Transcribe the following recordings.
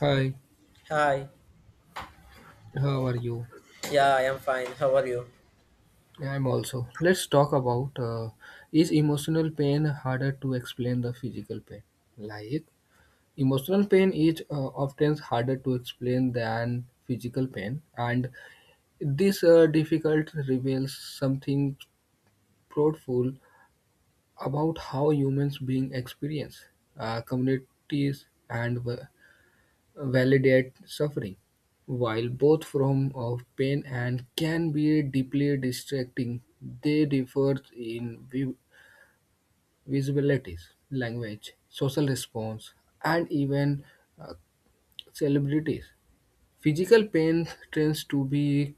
Hi, Hi. how are you? Yeah, I am fine. How are you? Yeah, I'm also. Let's talk about is emotional pain harder to explain than physical pain? Like, emotional pain is often harder to explain than physical pain, and this difficult reveals something profound about how humans being experience communities and validate suffering, while both forms of pain and can be deeply distracting, they differ in visibilities, language, social response, and even uh, celebrities. Physical pain tends to be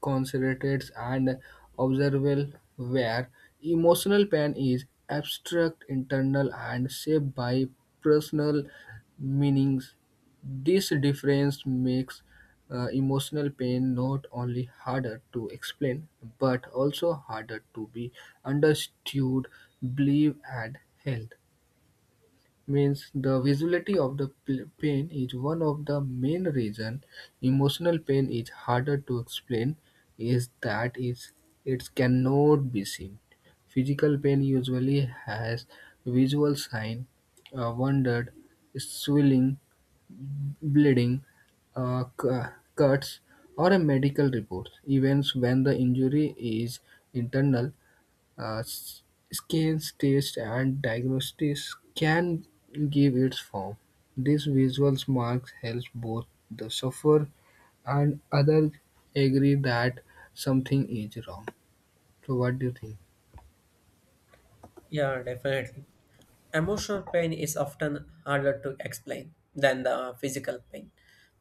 concentrated and observable, where emotional pain is abstract, internal, and shaped by personal meanings. This difference makes emotional pain not only harder to explain but also harder to be understood, believed, and held means the visibility of the pain is one of the main reason emotional pain is harder to explain is that is it cannot be seen. Physical pain usually has visual sign, wounded, swelling, bleeding, uh, cu- cuts, or a medical report. Even when the injury is internal, uh, s- scans, tests, and diagnostics can give its form. These visual marks help both the sufferer and others agree that something is wrong. So, what do you think? Yeah, definitely. Emotional pain is often harder to explain than the physical pain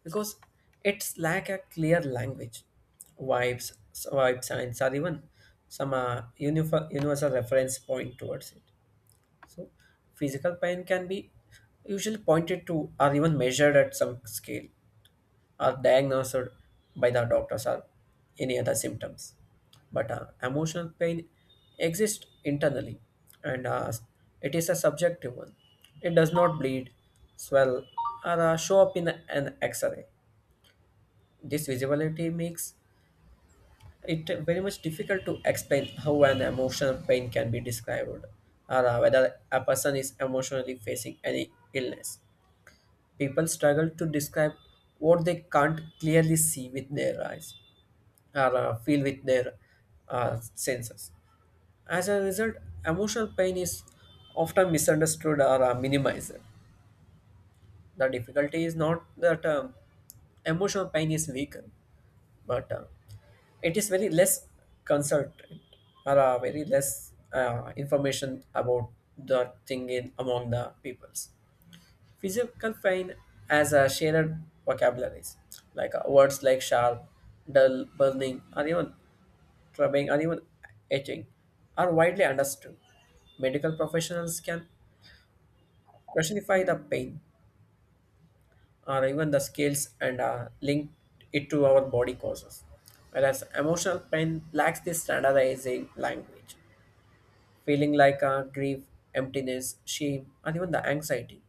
because it's lack a clear language, vibes, vibes, signs, or even some universal reference point towards it. So, physical pain can be usually pointed to or even measured at some scale, are diagnosed by the doctors or any other symptoms. But emotional pain exists internally and it is a subjective one. It does not bleed, swell, or show up in an x ray. This visibility makes it very much difficult to explain how an emotional pain can be described or whether a person is emotionally facing any illness. People struggle to describe what they can't clearly see with their eyes, or feel with their senses. As a result, emotional pain is often misunderstood or minimized. The difficulty is not that emotional pain is weaker, but it is very less concerted or very less information about the thing in among the peoples. Physical pain as a shared vocabularies like words like sharp, dull, burning, or even clubbing, and even etching are widely understood. Medical professionals can classify the pain or even the scales and link it to our body causes. Whereas emotional pain lacks this standardizing language. Feeling like grief, emptiness, shame, and even the anxiety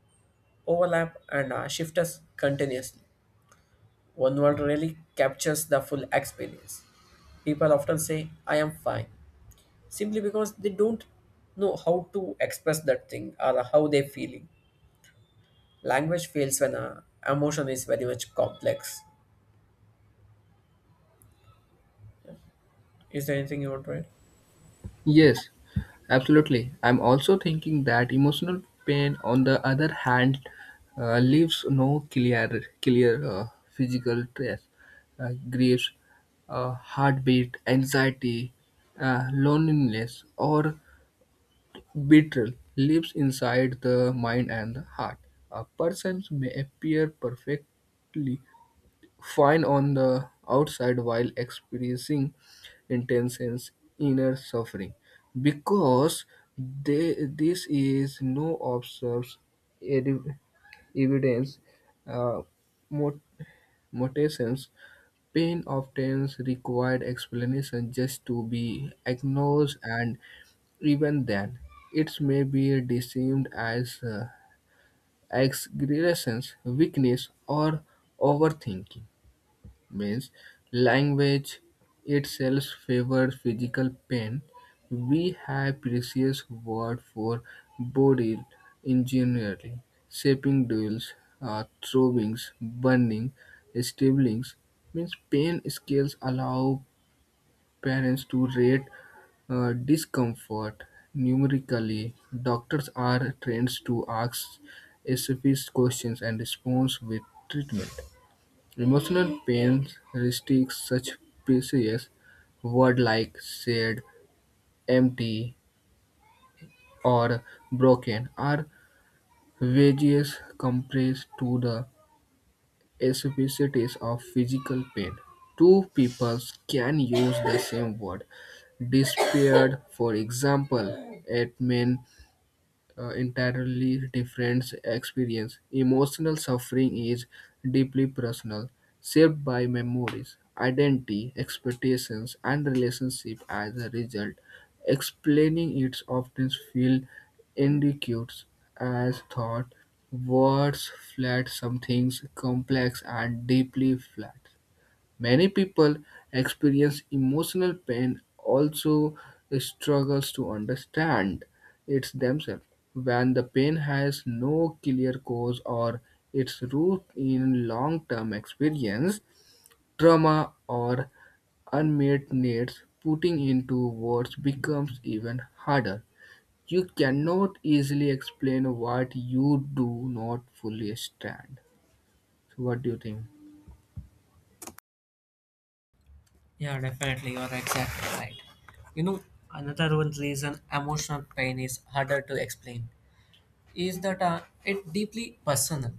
overlap and shift us continuously. One word really captures the full experience. People often say, I am fine, simply because they don't know how to express that thing or how they're feeling. Language fails when emotion is very much complex. Is there anything you want to add? Yes, absolutely. I'm also thinking that emotional pain, on the other hand, leaves no clear physical trace. Grief, heartbeat, anxiety, loneliness, or betrayal lives inside the mind and the heart. A person may appear perfectly fine on the outside while experiencing intense and inner suffering because they, this is no observes edi- evidence, uh, mot- mutations. Pain often required explanation just to be acknowledged, and even then it may be deemed as exaggeration, weakness, or overthinking means language itself favors physical pain. We have precious word for body engineering, shaping duels, throwings, burning, stablings. Means pain scales allow parents to rate discomfort numerically. Doctors are trained to ask specific questions and response with treatment. Emotional pain restricts such precise words like sad, empty, or broken are wages compressed to the specificities of physical pain. Two peoples can use the same word. Despaired, for example, it means entirely different experience. Emotional suffering is deeply personal, shaped by memories, identity, expectations, and relationship as a result. Explaining it often feels inadequate as thought. Words flat some things complex and deeply flat. Many people experience emotional pain also struggles to understand it themselves. When the pain has no clear cause or its root in long-term experience, trauma, or unmet needs, putting into words becomes even harder. You cannot easily explain what you do not fully understand. So what do you think? Yeah, definitely. You're exactly right. You know, another one reason emotional pain is harder to explain is that it deeply personal.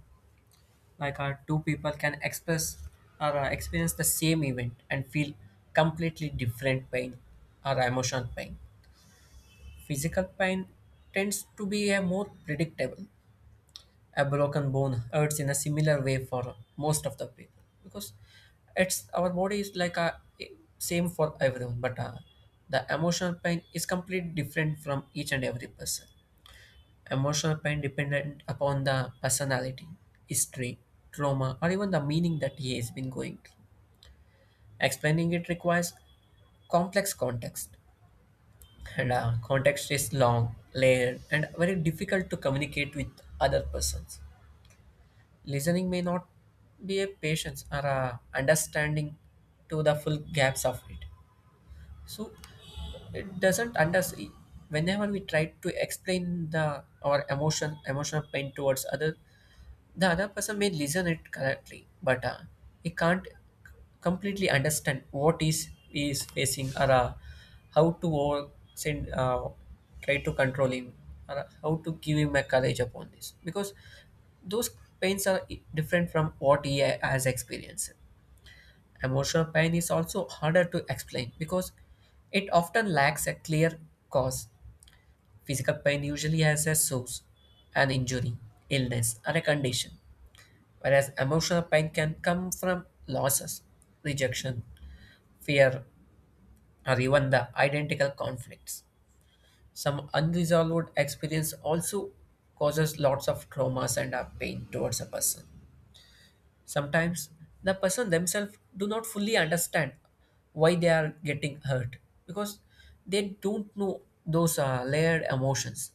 Like two people can express or experience the same event and feel completely different pain or emotional pain. Physical pain tends to be a more predictable. A broken bone hurts in a similar way for most of the people because it's our body is like a same for everyone, but the emotional pain is completely different from each and every person. Emotional pain dependent upon the personality, history, trauma, or even the meaning that he has been going through. Explaining it requires complex context and context is long layered and very difficult to communicate with other persons. Listening may not be a patience or a understanding to the full gaps of it. So it doesn't understand whenever we try to explain the our emotional pain towards other. The other person may listen it correctly but he can't c- completely understand what is he is facing or how to over, send, try to control him or how to give him a courage upon this, because those pains are different from what has experienced. Emotional pain is also harder to explain because it often lacks a clear cause. Physical pain usually has a source, an injury, illness, or a condition. Whereas emotional pain can come from losses, rejection, fear, or even the identical conflicts. Some unresolved experience also causes lots of traumas and pain towards a person. Sometimes the person themselves do not fully understand why they are getting hurt, because they don't know those layered emotions,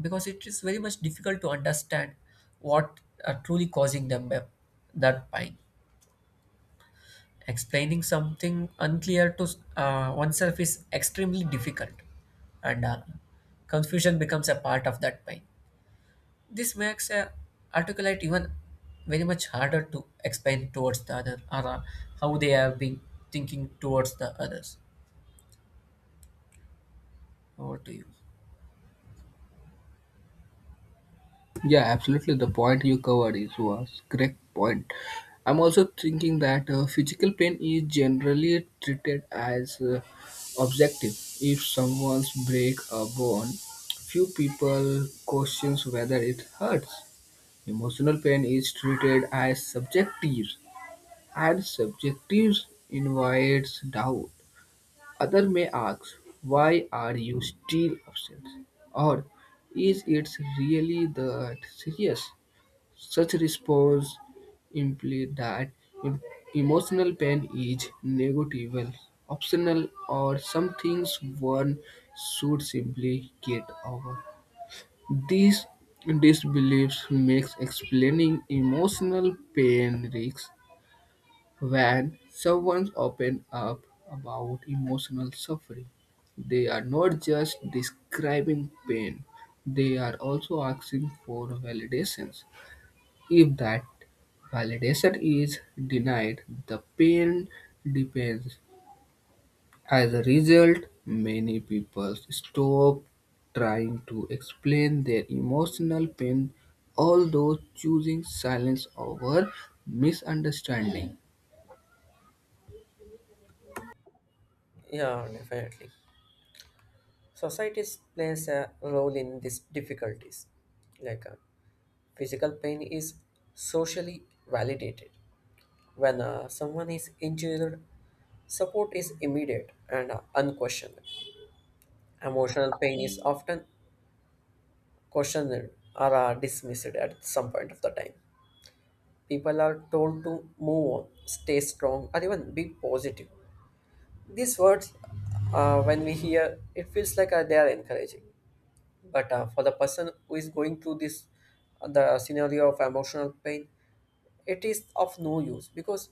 because it is very much difficult to understand what are truly causing them that pain. Explaining something unclear to oneself is extremely difficult, and confusion becomes a part of that pain. This makes a articulate even very much harder to explain towards the other or how they have been thinking towards the others. Over to you. Yeah, absolutely. The point you covered is was correct point. I'm also thinking that physical pain is generally treated as objective. If someone's break a bone, few people questions whether it hurts. Emotional pain is treated as subjective, and subjective invites doubt. Other may ask, "Why are you still upset?" or "Is it really that serious?" Such response imply that em- emotional pain is negligible, optional, or some things one should simply get over. These disbeliefs makes explaining emotional pain risks when someone open up about emotional suffering. They are not just describing pain, they are also asking for validations. If that validation is denied, the pain depends. As a result, many people stop trying to explain their emotional pain, although choosing silence over misunderstanding. Yeah, definitely. Societies plays a role in these difficulties. Like physical pain is socially validated. When someone is injured, support is immediate and unquestioned. Emotional pain is often questioned or dismissed at some point of the time. People are told to move on, stay strong, or even be positive. These words, when we hear, it feels like they are encouraging. But for the person who is going through this, the scenario of emotional pain, it is of no use because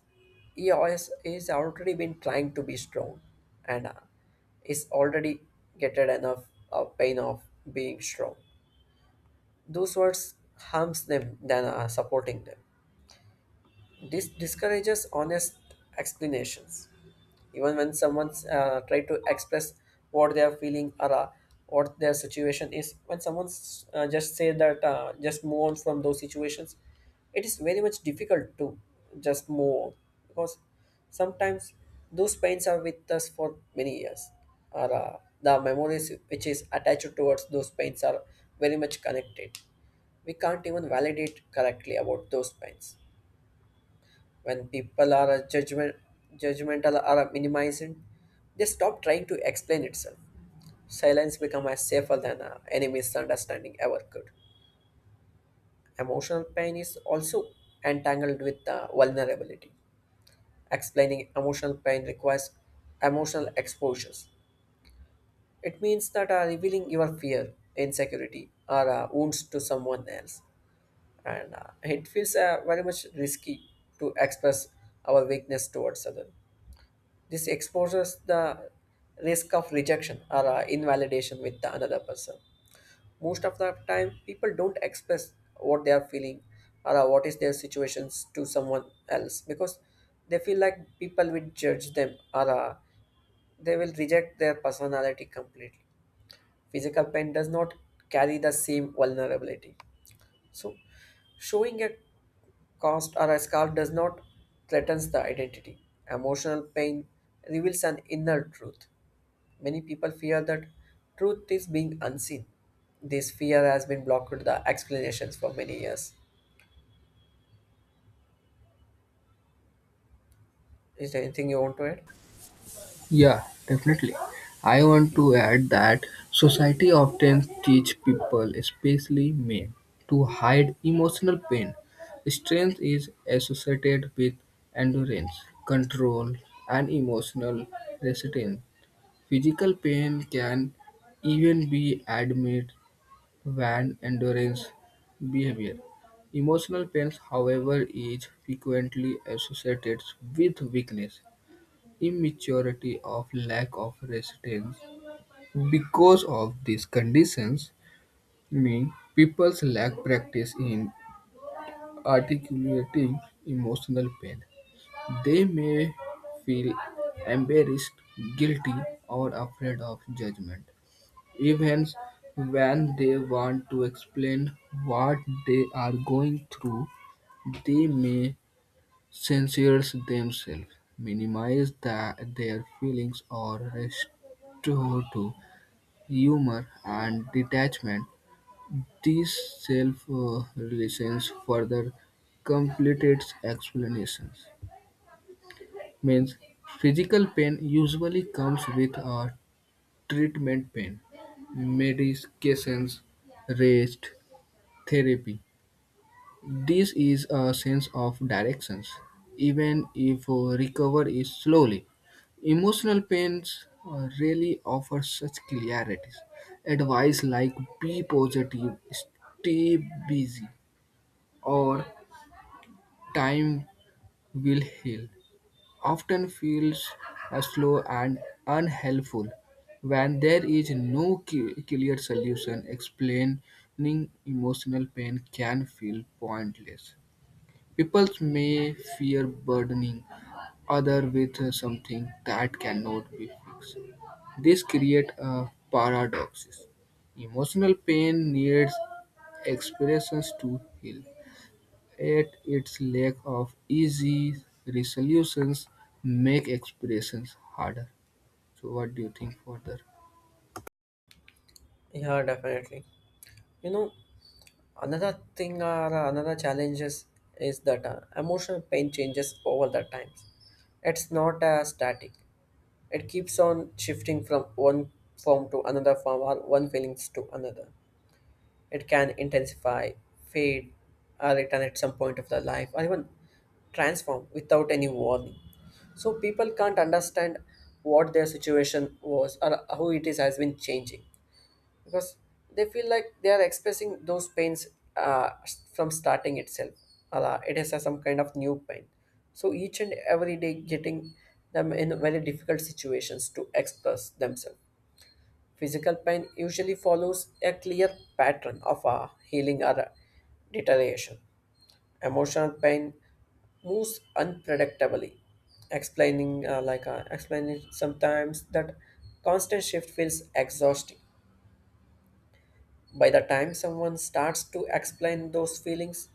EOS is already been trying to be strong and is already getting enough pain of being strong. Those words harms them than supporting them. This discourages honest explanations. Even when someone's try to express what they are feeling or what their situation is, when someone's just say that just move on from those situations, it is very much difficult to just move on, because sometimes those pains are with us for many years or the memories which is attached towards those pains are very much connected. We can't even validate correctly about those pains. When people are judgmental or minimizing, they stop trying to explain itself. Silence becomes as safer than any misunderstanding ever could. Emotional pain is also entangled with vulnerability. Explaining emotional pain requires emotional exposures. It means that revealing your fear, insecurity, or wounds to someone else, and it feels very much risky to express our weakness towards others. This exposes the risk of rejection or invalidation with the another person. Most of the time, people don't express what they are feeling or what is their situations to someone else because they feel like people will judge them or they will reject their personality completely. Physical pain does not carry the same vulnerability. So, showing a cast or a scar does not threatens the identity. Emotional pain reveals an inner truth. Many people fear that truth is being unseen. This fear has been blocked with the explanations for many years. Is there anything you want to add? Yeah, definitely. I want to add that society often teach people, especially men, to hide emotional pain. Strength is associated with endurance, control, and emotional resistance. Physical pain can even be admitted when endurance behavior. Emotional pain, however, is frequently associated with weakness, immaturity of lack of resistance because of these conditions mean people's lack practice in articulating emotional pain. They may feel embarrassed, guilty, or afraid of judgment, even when they want to explain what they are going through. They may censors themselves, minimize their feelings, or restore to humor and detachment; this self-reliance further complicates explanations. Means physical pain usually comes with a treatment plan, medications, rest, therapy. This is a sense of directions, even if recovery is slowly. Emotional pains really offer such clarities. Advice like be positive, stay busy, or time will heal often feels slow and unhelpful when there is no clear solution explaining emotional pain can feel pointless. People may fear burdening others with something that cannot be fixed. This creates a paradox. Emotional pain needs expressions to heal, yet its lack of easy resolutions make expressions harder. So, what do you think further? Yeah, definitely. You know, another thing or another challenge is that emotional pain changes over the times. It's not static. It keeps on shifting from one form to another form, or one feelings to another. It can intensify, fade, or return at some point of their life, or even transform without any warning. So people can't understand what their situation was or how it is has been changing, because they feel like they are expressing those pains uh, from starting itself. It is a some kind of new pain. So each and every day getting them in very difficult situations to express themselves. Physical pain usually follows a clear pattern of a healing or a deterioration. Emotional pain moves unpredictably. Explaining explaining sometimes that constant shift feels exhausting. By the time someone starts to explain those feelings,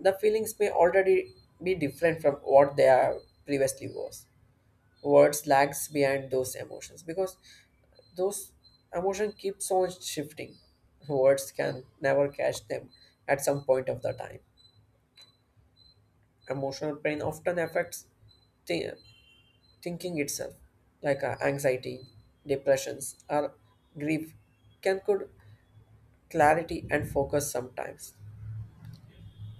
the feelings may already be different from what they are previously was. Words lags behind those emotions, because those emotion keeps on shifting. Words can never catch them at some point of the time. Emotional pain often affects thi- thinking itself, like anxiety, depressions, or grief can could clarity and focus sometimes.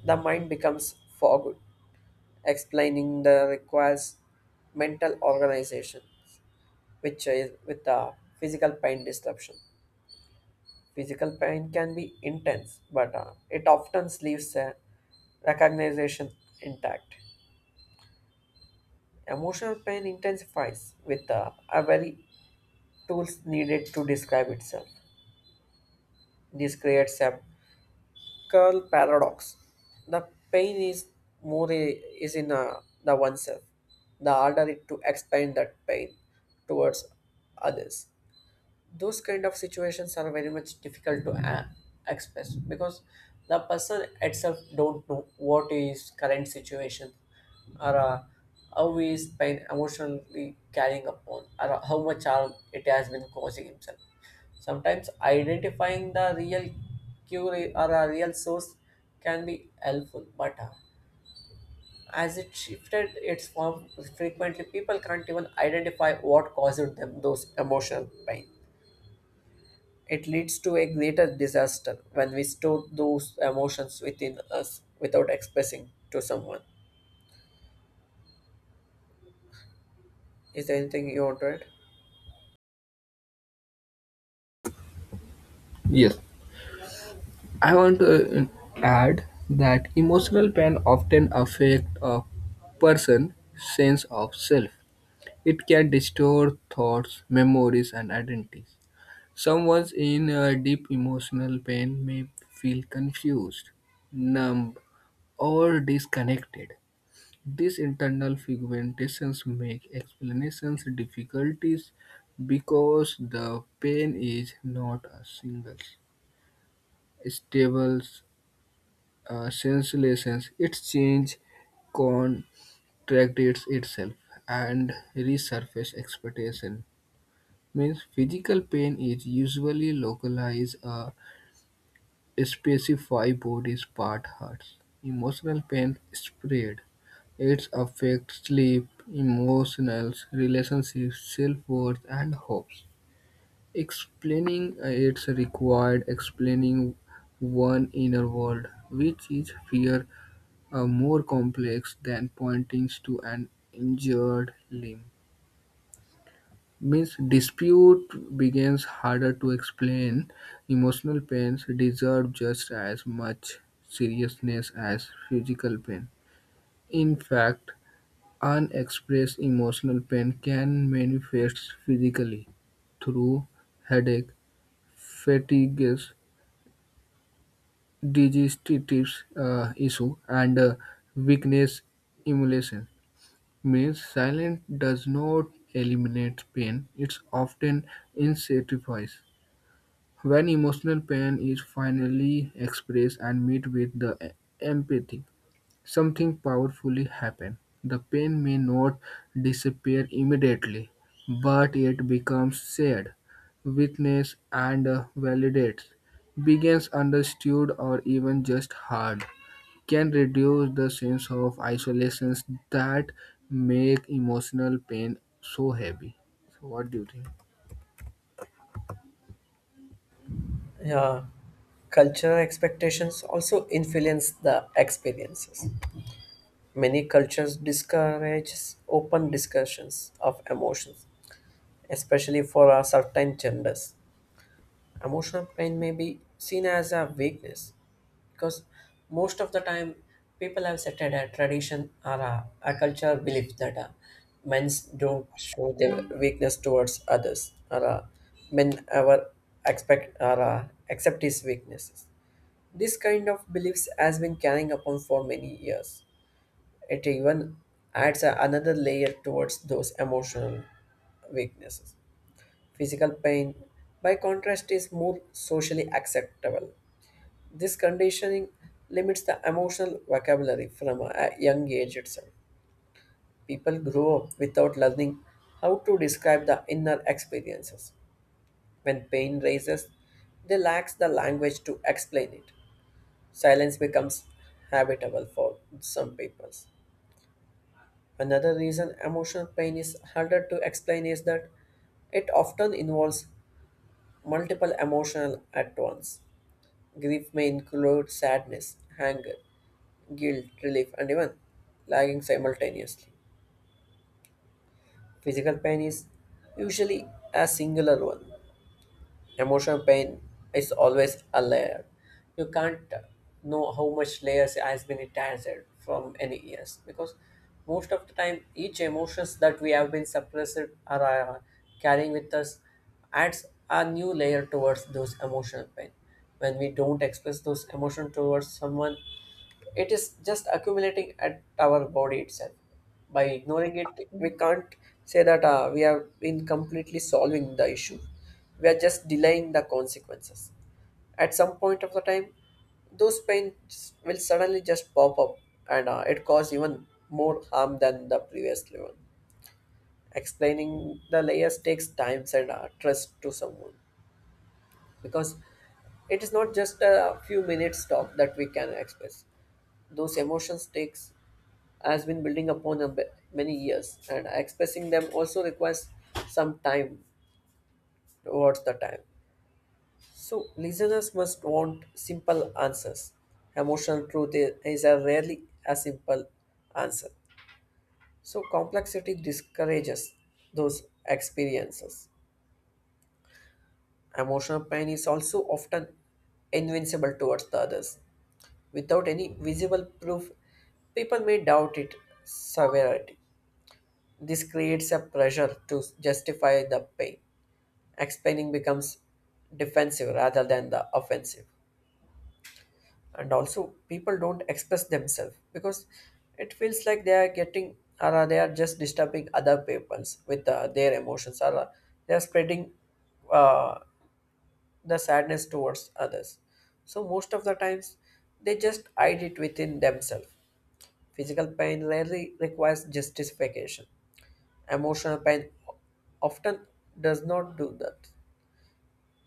The mind becomes fogged. Explaining the requires mental organization, which is with the physical pain disruption. Physical pain can be intense, but it often leaves a recognition intact. Emotional pain intensifies with a very tools needed to describe itself. This creates a curl paradox. The pain is more i- is in the oneself, the harder it to explain that pain towards others. Those kind of situations are very much difficult to express, because the person itself don't know what is current situation or how he is pain emotionally carrying upon or how much harm it has been causing himself. Sometimes identifying the real cure or a real source can be helpful, but as it shifted its form frequently, people can't even identify what caused them those emotional pain. It leads to a greater disaster when we store those emotions within us without expressing to someone. Is there anything you want to add? Yes, I want to add that emotional pain often affects a person's sense of self. It can distort thoughts, memories, and identities. Someone in deep emotional pain may feel confused, numb, or disconnected. These internal fragmentations make explanations difficulties because the pain is not a single, stable, sensation. It changes, contracts itself, and resurface expectation means physical pain is usually localized or specified body part hurts. Emotional pain spread. It affects sleep, emotions, relationships, self-worth, and hopes. Explaining it's required explaining one inner world, which is fear, are more complex than pointing to an injured limb. Means dispute begins harder to explain. Emotional pains deserve just as much seriousness as physical pain. In fact, unexpressed emotional pain can manifest physically through headache, fatigues, digestive issue, and weakness emulation. Means silence does not eliminate pain; it often intensifies. When emotional pain is finally expressed and met with the empathy, something powerfully happens. The pain may not disappear immediately, but it becomes shared, witnessed, and validated. Begins understood or even just heard can reduce the sense of isolation that make emotional pain so heavy. So what do you think? Yeah. Cultural expectations also influence the experiences. Many cultures discourage open discussions of emotions, especially for a certain genders. Emotional pain may be seen as a weakness, because most of the time people have set a tradition or a culture belief that men don't show their weakness towards others or men ever expect or accept his weaknesses. This kind of beliefs has been carrying upon for many years. It even adds another layer towards those emotional weaknesses. Physical pain, by contrast, is more socially acceptable. This conditioning limits the emotional vocabulary from a young age itself. People grow up without learning how to describe the inner experiences. When pain rises, they lack the language to explain it. Silence becomes habitable for some people. Another reason emotional pain is harder to explain is that it often involves multiple emotions at once. Grief may include sadness, anger, guilt, relief, and even lagging simultaneously. Physical pain is usually a singular one. Emotional pain is always a layer. You can't know how much layers has been attached from any years because most of the time each emotions that we have been suppressed or are carrying with us adds a new layer towards those emotional pain. When we don't express those emotions towards someone, it is just accumulating at our body itself. By ignoring it, we can't say that we have been completely solving the issue. We are just delaying the consequences. At some point of the time, those pains will suddenly just pop up and it cause even more harm than the previous level. Explaining the layers takes time and trust to someone because it is not just a few minutes talk that we can express. Those emotions takes has been building upon many years, and expressing them also requires some time towards the time. So listeners must want simple answers. Emotional truth is a rarely a simple answer. So complexity discourages those experiences. Emotional pain is also often invincible towards the others. Without any visible proof, people may doubt its severity. This creates a pressure to justify the pain. Explaining becomes defensive rather than the offensive. And also, people don't express themselves because it feels like they are getting, or they are just disturbing other peoples with their emotions, or they are spreading uh, the sadness towards others. So, most of the times, they just hide it within themselves. Physical pain rarely requires justification. Emotional pain often does not do that.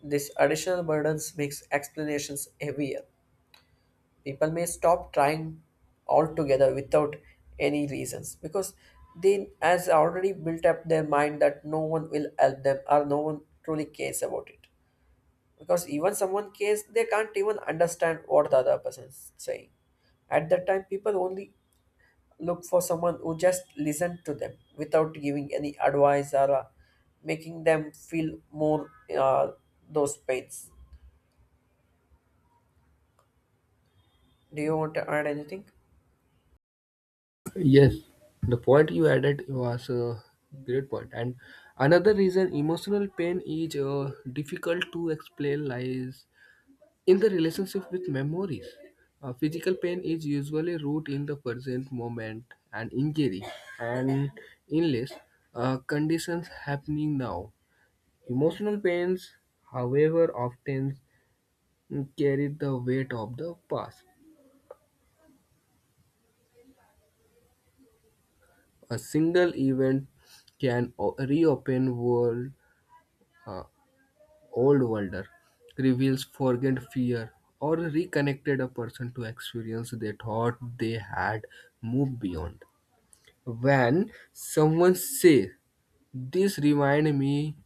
This additional burdens makes explanations heavier. People may stop trying altogether without any reasons because they has already built up their mind that no one will help them or no one truly cares about it. Because even someone cares, they can't even understand what the other person is saying. At that time, people only look for someone who just listen to them without giving any advice or making them feel more uh, those pains. Do you want to add anything? Yes, the point you added was a great point. And another reason emotional pain is difficult to explain lies in the relationship with memories. Physical pain is usually rooted in the present moment and injury and illness conditions happening now. Emotional pains, however, often carry the weight of the past. A single event can reopen world, uh, old wonder, reveals forgotten fear, or reconnected a person to experience they thought they had moved beyond. When someone says, "This remind me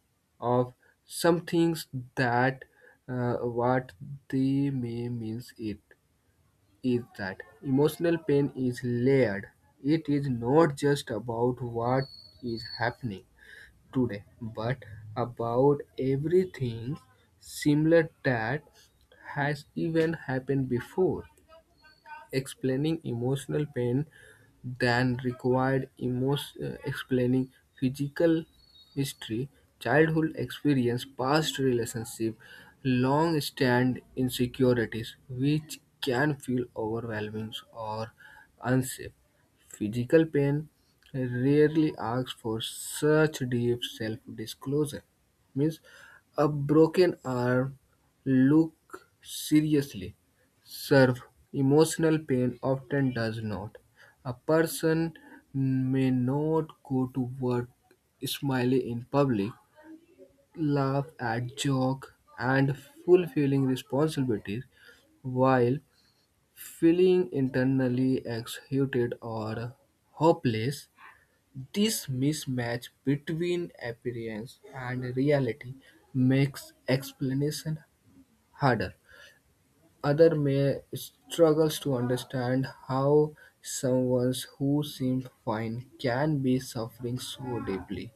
of some things that," what they may means it is that emotional pain is layered. It is not just about what is happening today, but about everything similar that has even happened before. Explaining emotional pain than required explaining physical history, childhood experience, past relationship, long-stand insecurities, which can feel overwhelming or unsafe. Physical pain rarely asks for such deep self-disclosure. Means a broken arm look seriously serve. Emotional pain often does not. A person may not go to work smiley in public, laugh at joke, and fulfilling responsibilities while feeling internally exhausted or hopeless. This mismatch between appearance and reality makes explanation harder. Other may struggles to understand how someone who seemed fine can be suffering so deeply.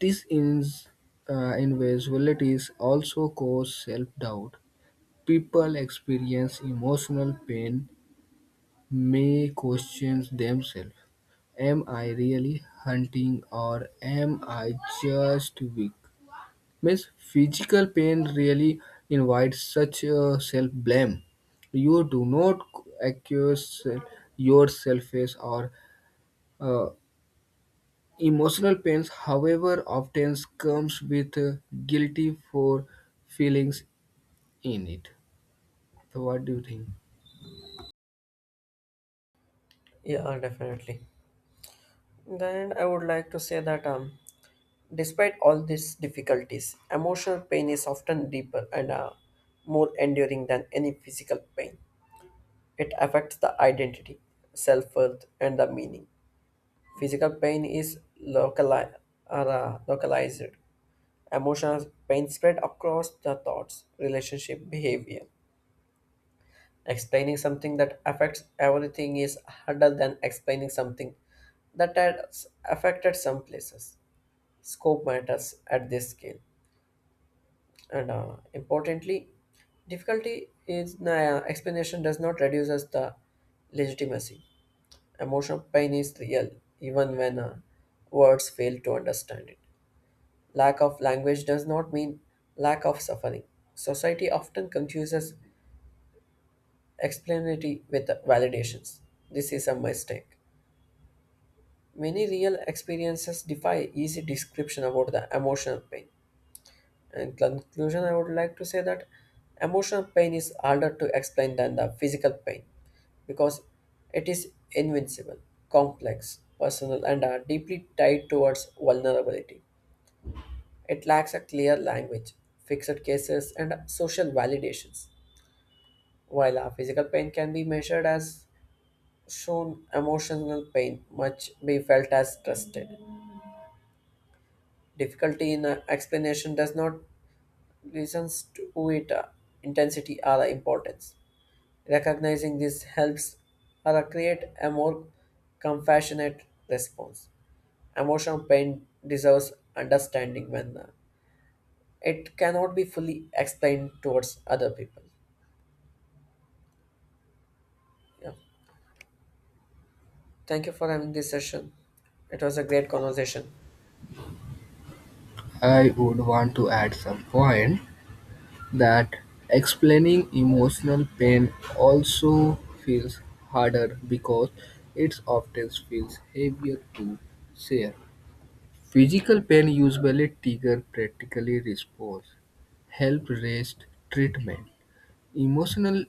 This invisibilities also cause self-doubt. People experience emotional pain may question themselves. Am I really hunting or am I just weak? Means physical pain really invites such self-blame. You do not accuse yourself as or uh, emotional pains, however, often comes with guilty for feelings in it. So what do you think? Yeah, definitely. Then I would like to say that despite all these difficulties, emotional pain is often deeper and more enduring than any physical pain. It affects the identity, self worth, and the meaning. Physical pain is localized. Emotional pain spread across the thoughts, relationship, behavior. Explaining something that affects everything is harder than explaining something that has affected some places. Scope matters at this scale. And importantly, difficulty is explanation does not reduce us the legitimacy. Emotional pain is real, even when words fail to understand it. Lack of language does not mean lack of suffering. Society often confuses explanatory with validations. This is a mistake. Many real experiences defy easy description about the emotional pain. In conclusion, I would like to say that emotional pain is harder to explain than the physical pain because it is invincible, complex, personal, and are deeply tied towards vulnerability. It lacks a clear language, fixed cases, and social validations. While a physical pain can be measured as shown, emotional pain much be felt as trusted. Difficulty in a explanation does not listen to it intensity or importance. Recognizing this helps or create a more compassionate response. Emotional pain deserves understanding when it cannot be fully explained towards other people. Yeah. Thank you for having this session. It was a great conversation. I would want to add some point that explaining emotional pain also feels harder because it often feels heavier to share. Physical pain usually trigger practical response, help rest, treatment. Emotional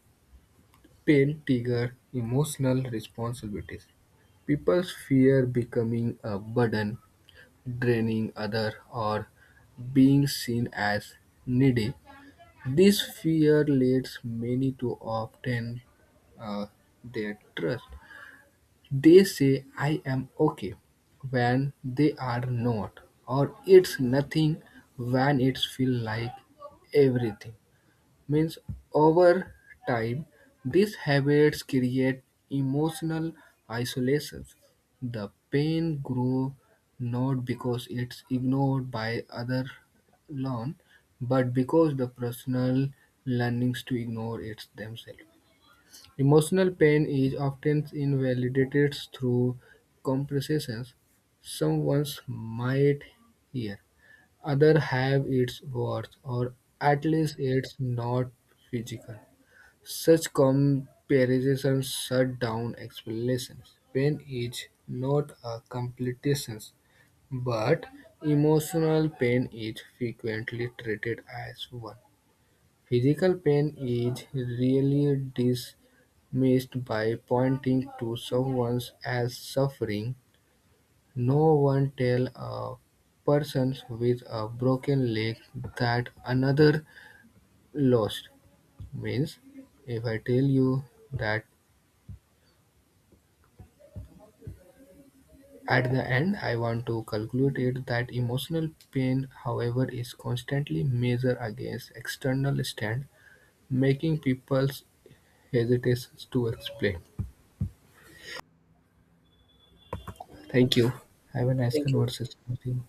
pain trigger emotional responsibilities. People fear becoming a burden, draining other, or being seen as needy. This fear leads many to obtain uh, their trust. They say I am okay when they are not, or it's nothing when it feels like everything. Means over time, these habits create emotional isolations. The pain grows not because it's ignored by other learn, but because the personal learnings to ignore it themselves. Emotional pain is often invalidated through comparisons. Some ones might hear others have its worth, or at least it's not physical. Such comparisons shut down explanations. Pain is not a competition, but emotional pain is frequently treated as one. Physical pain is rarely dismissed by pointing to someone as suffering. No one tells a person with a broken leg that another lost. Means, if I tell you that at the end, I want to conclude it that emotional pain, however, is constantly measured against external stand, making people hesitate to explain. Thank you. Have a nice Thank you. conversation with you.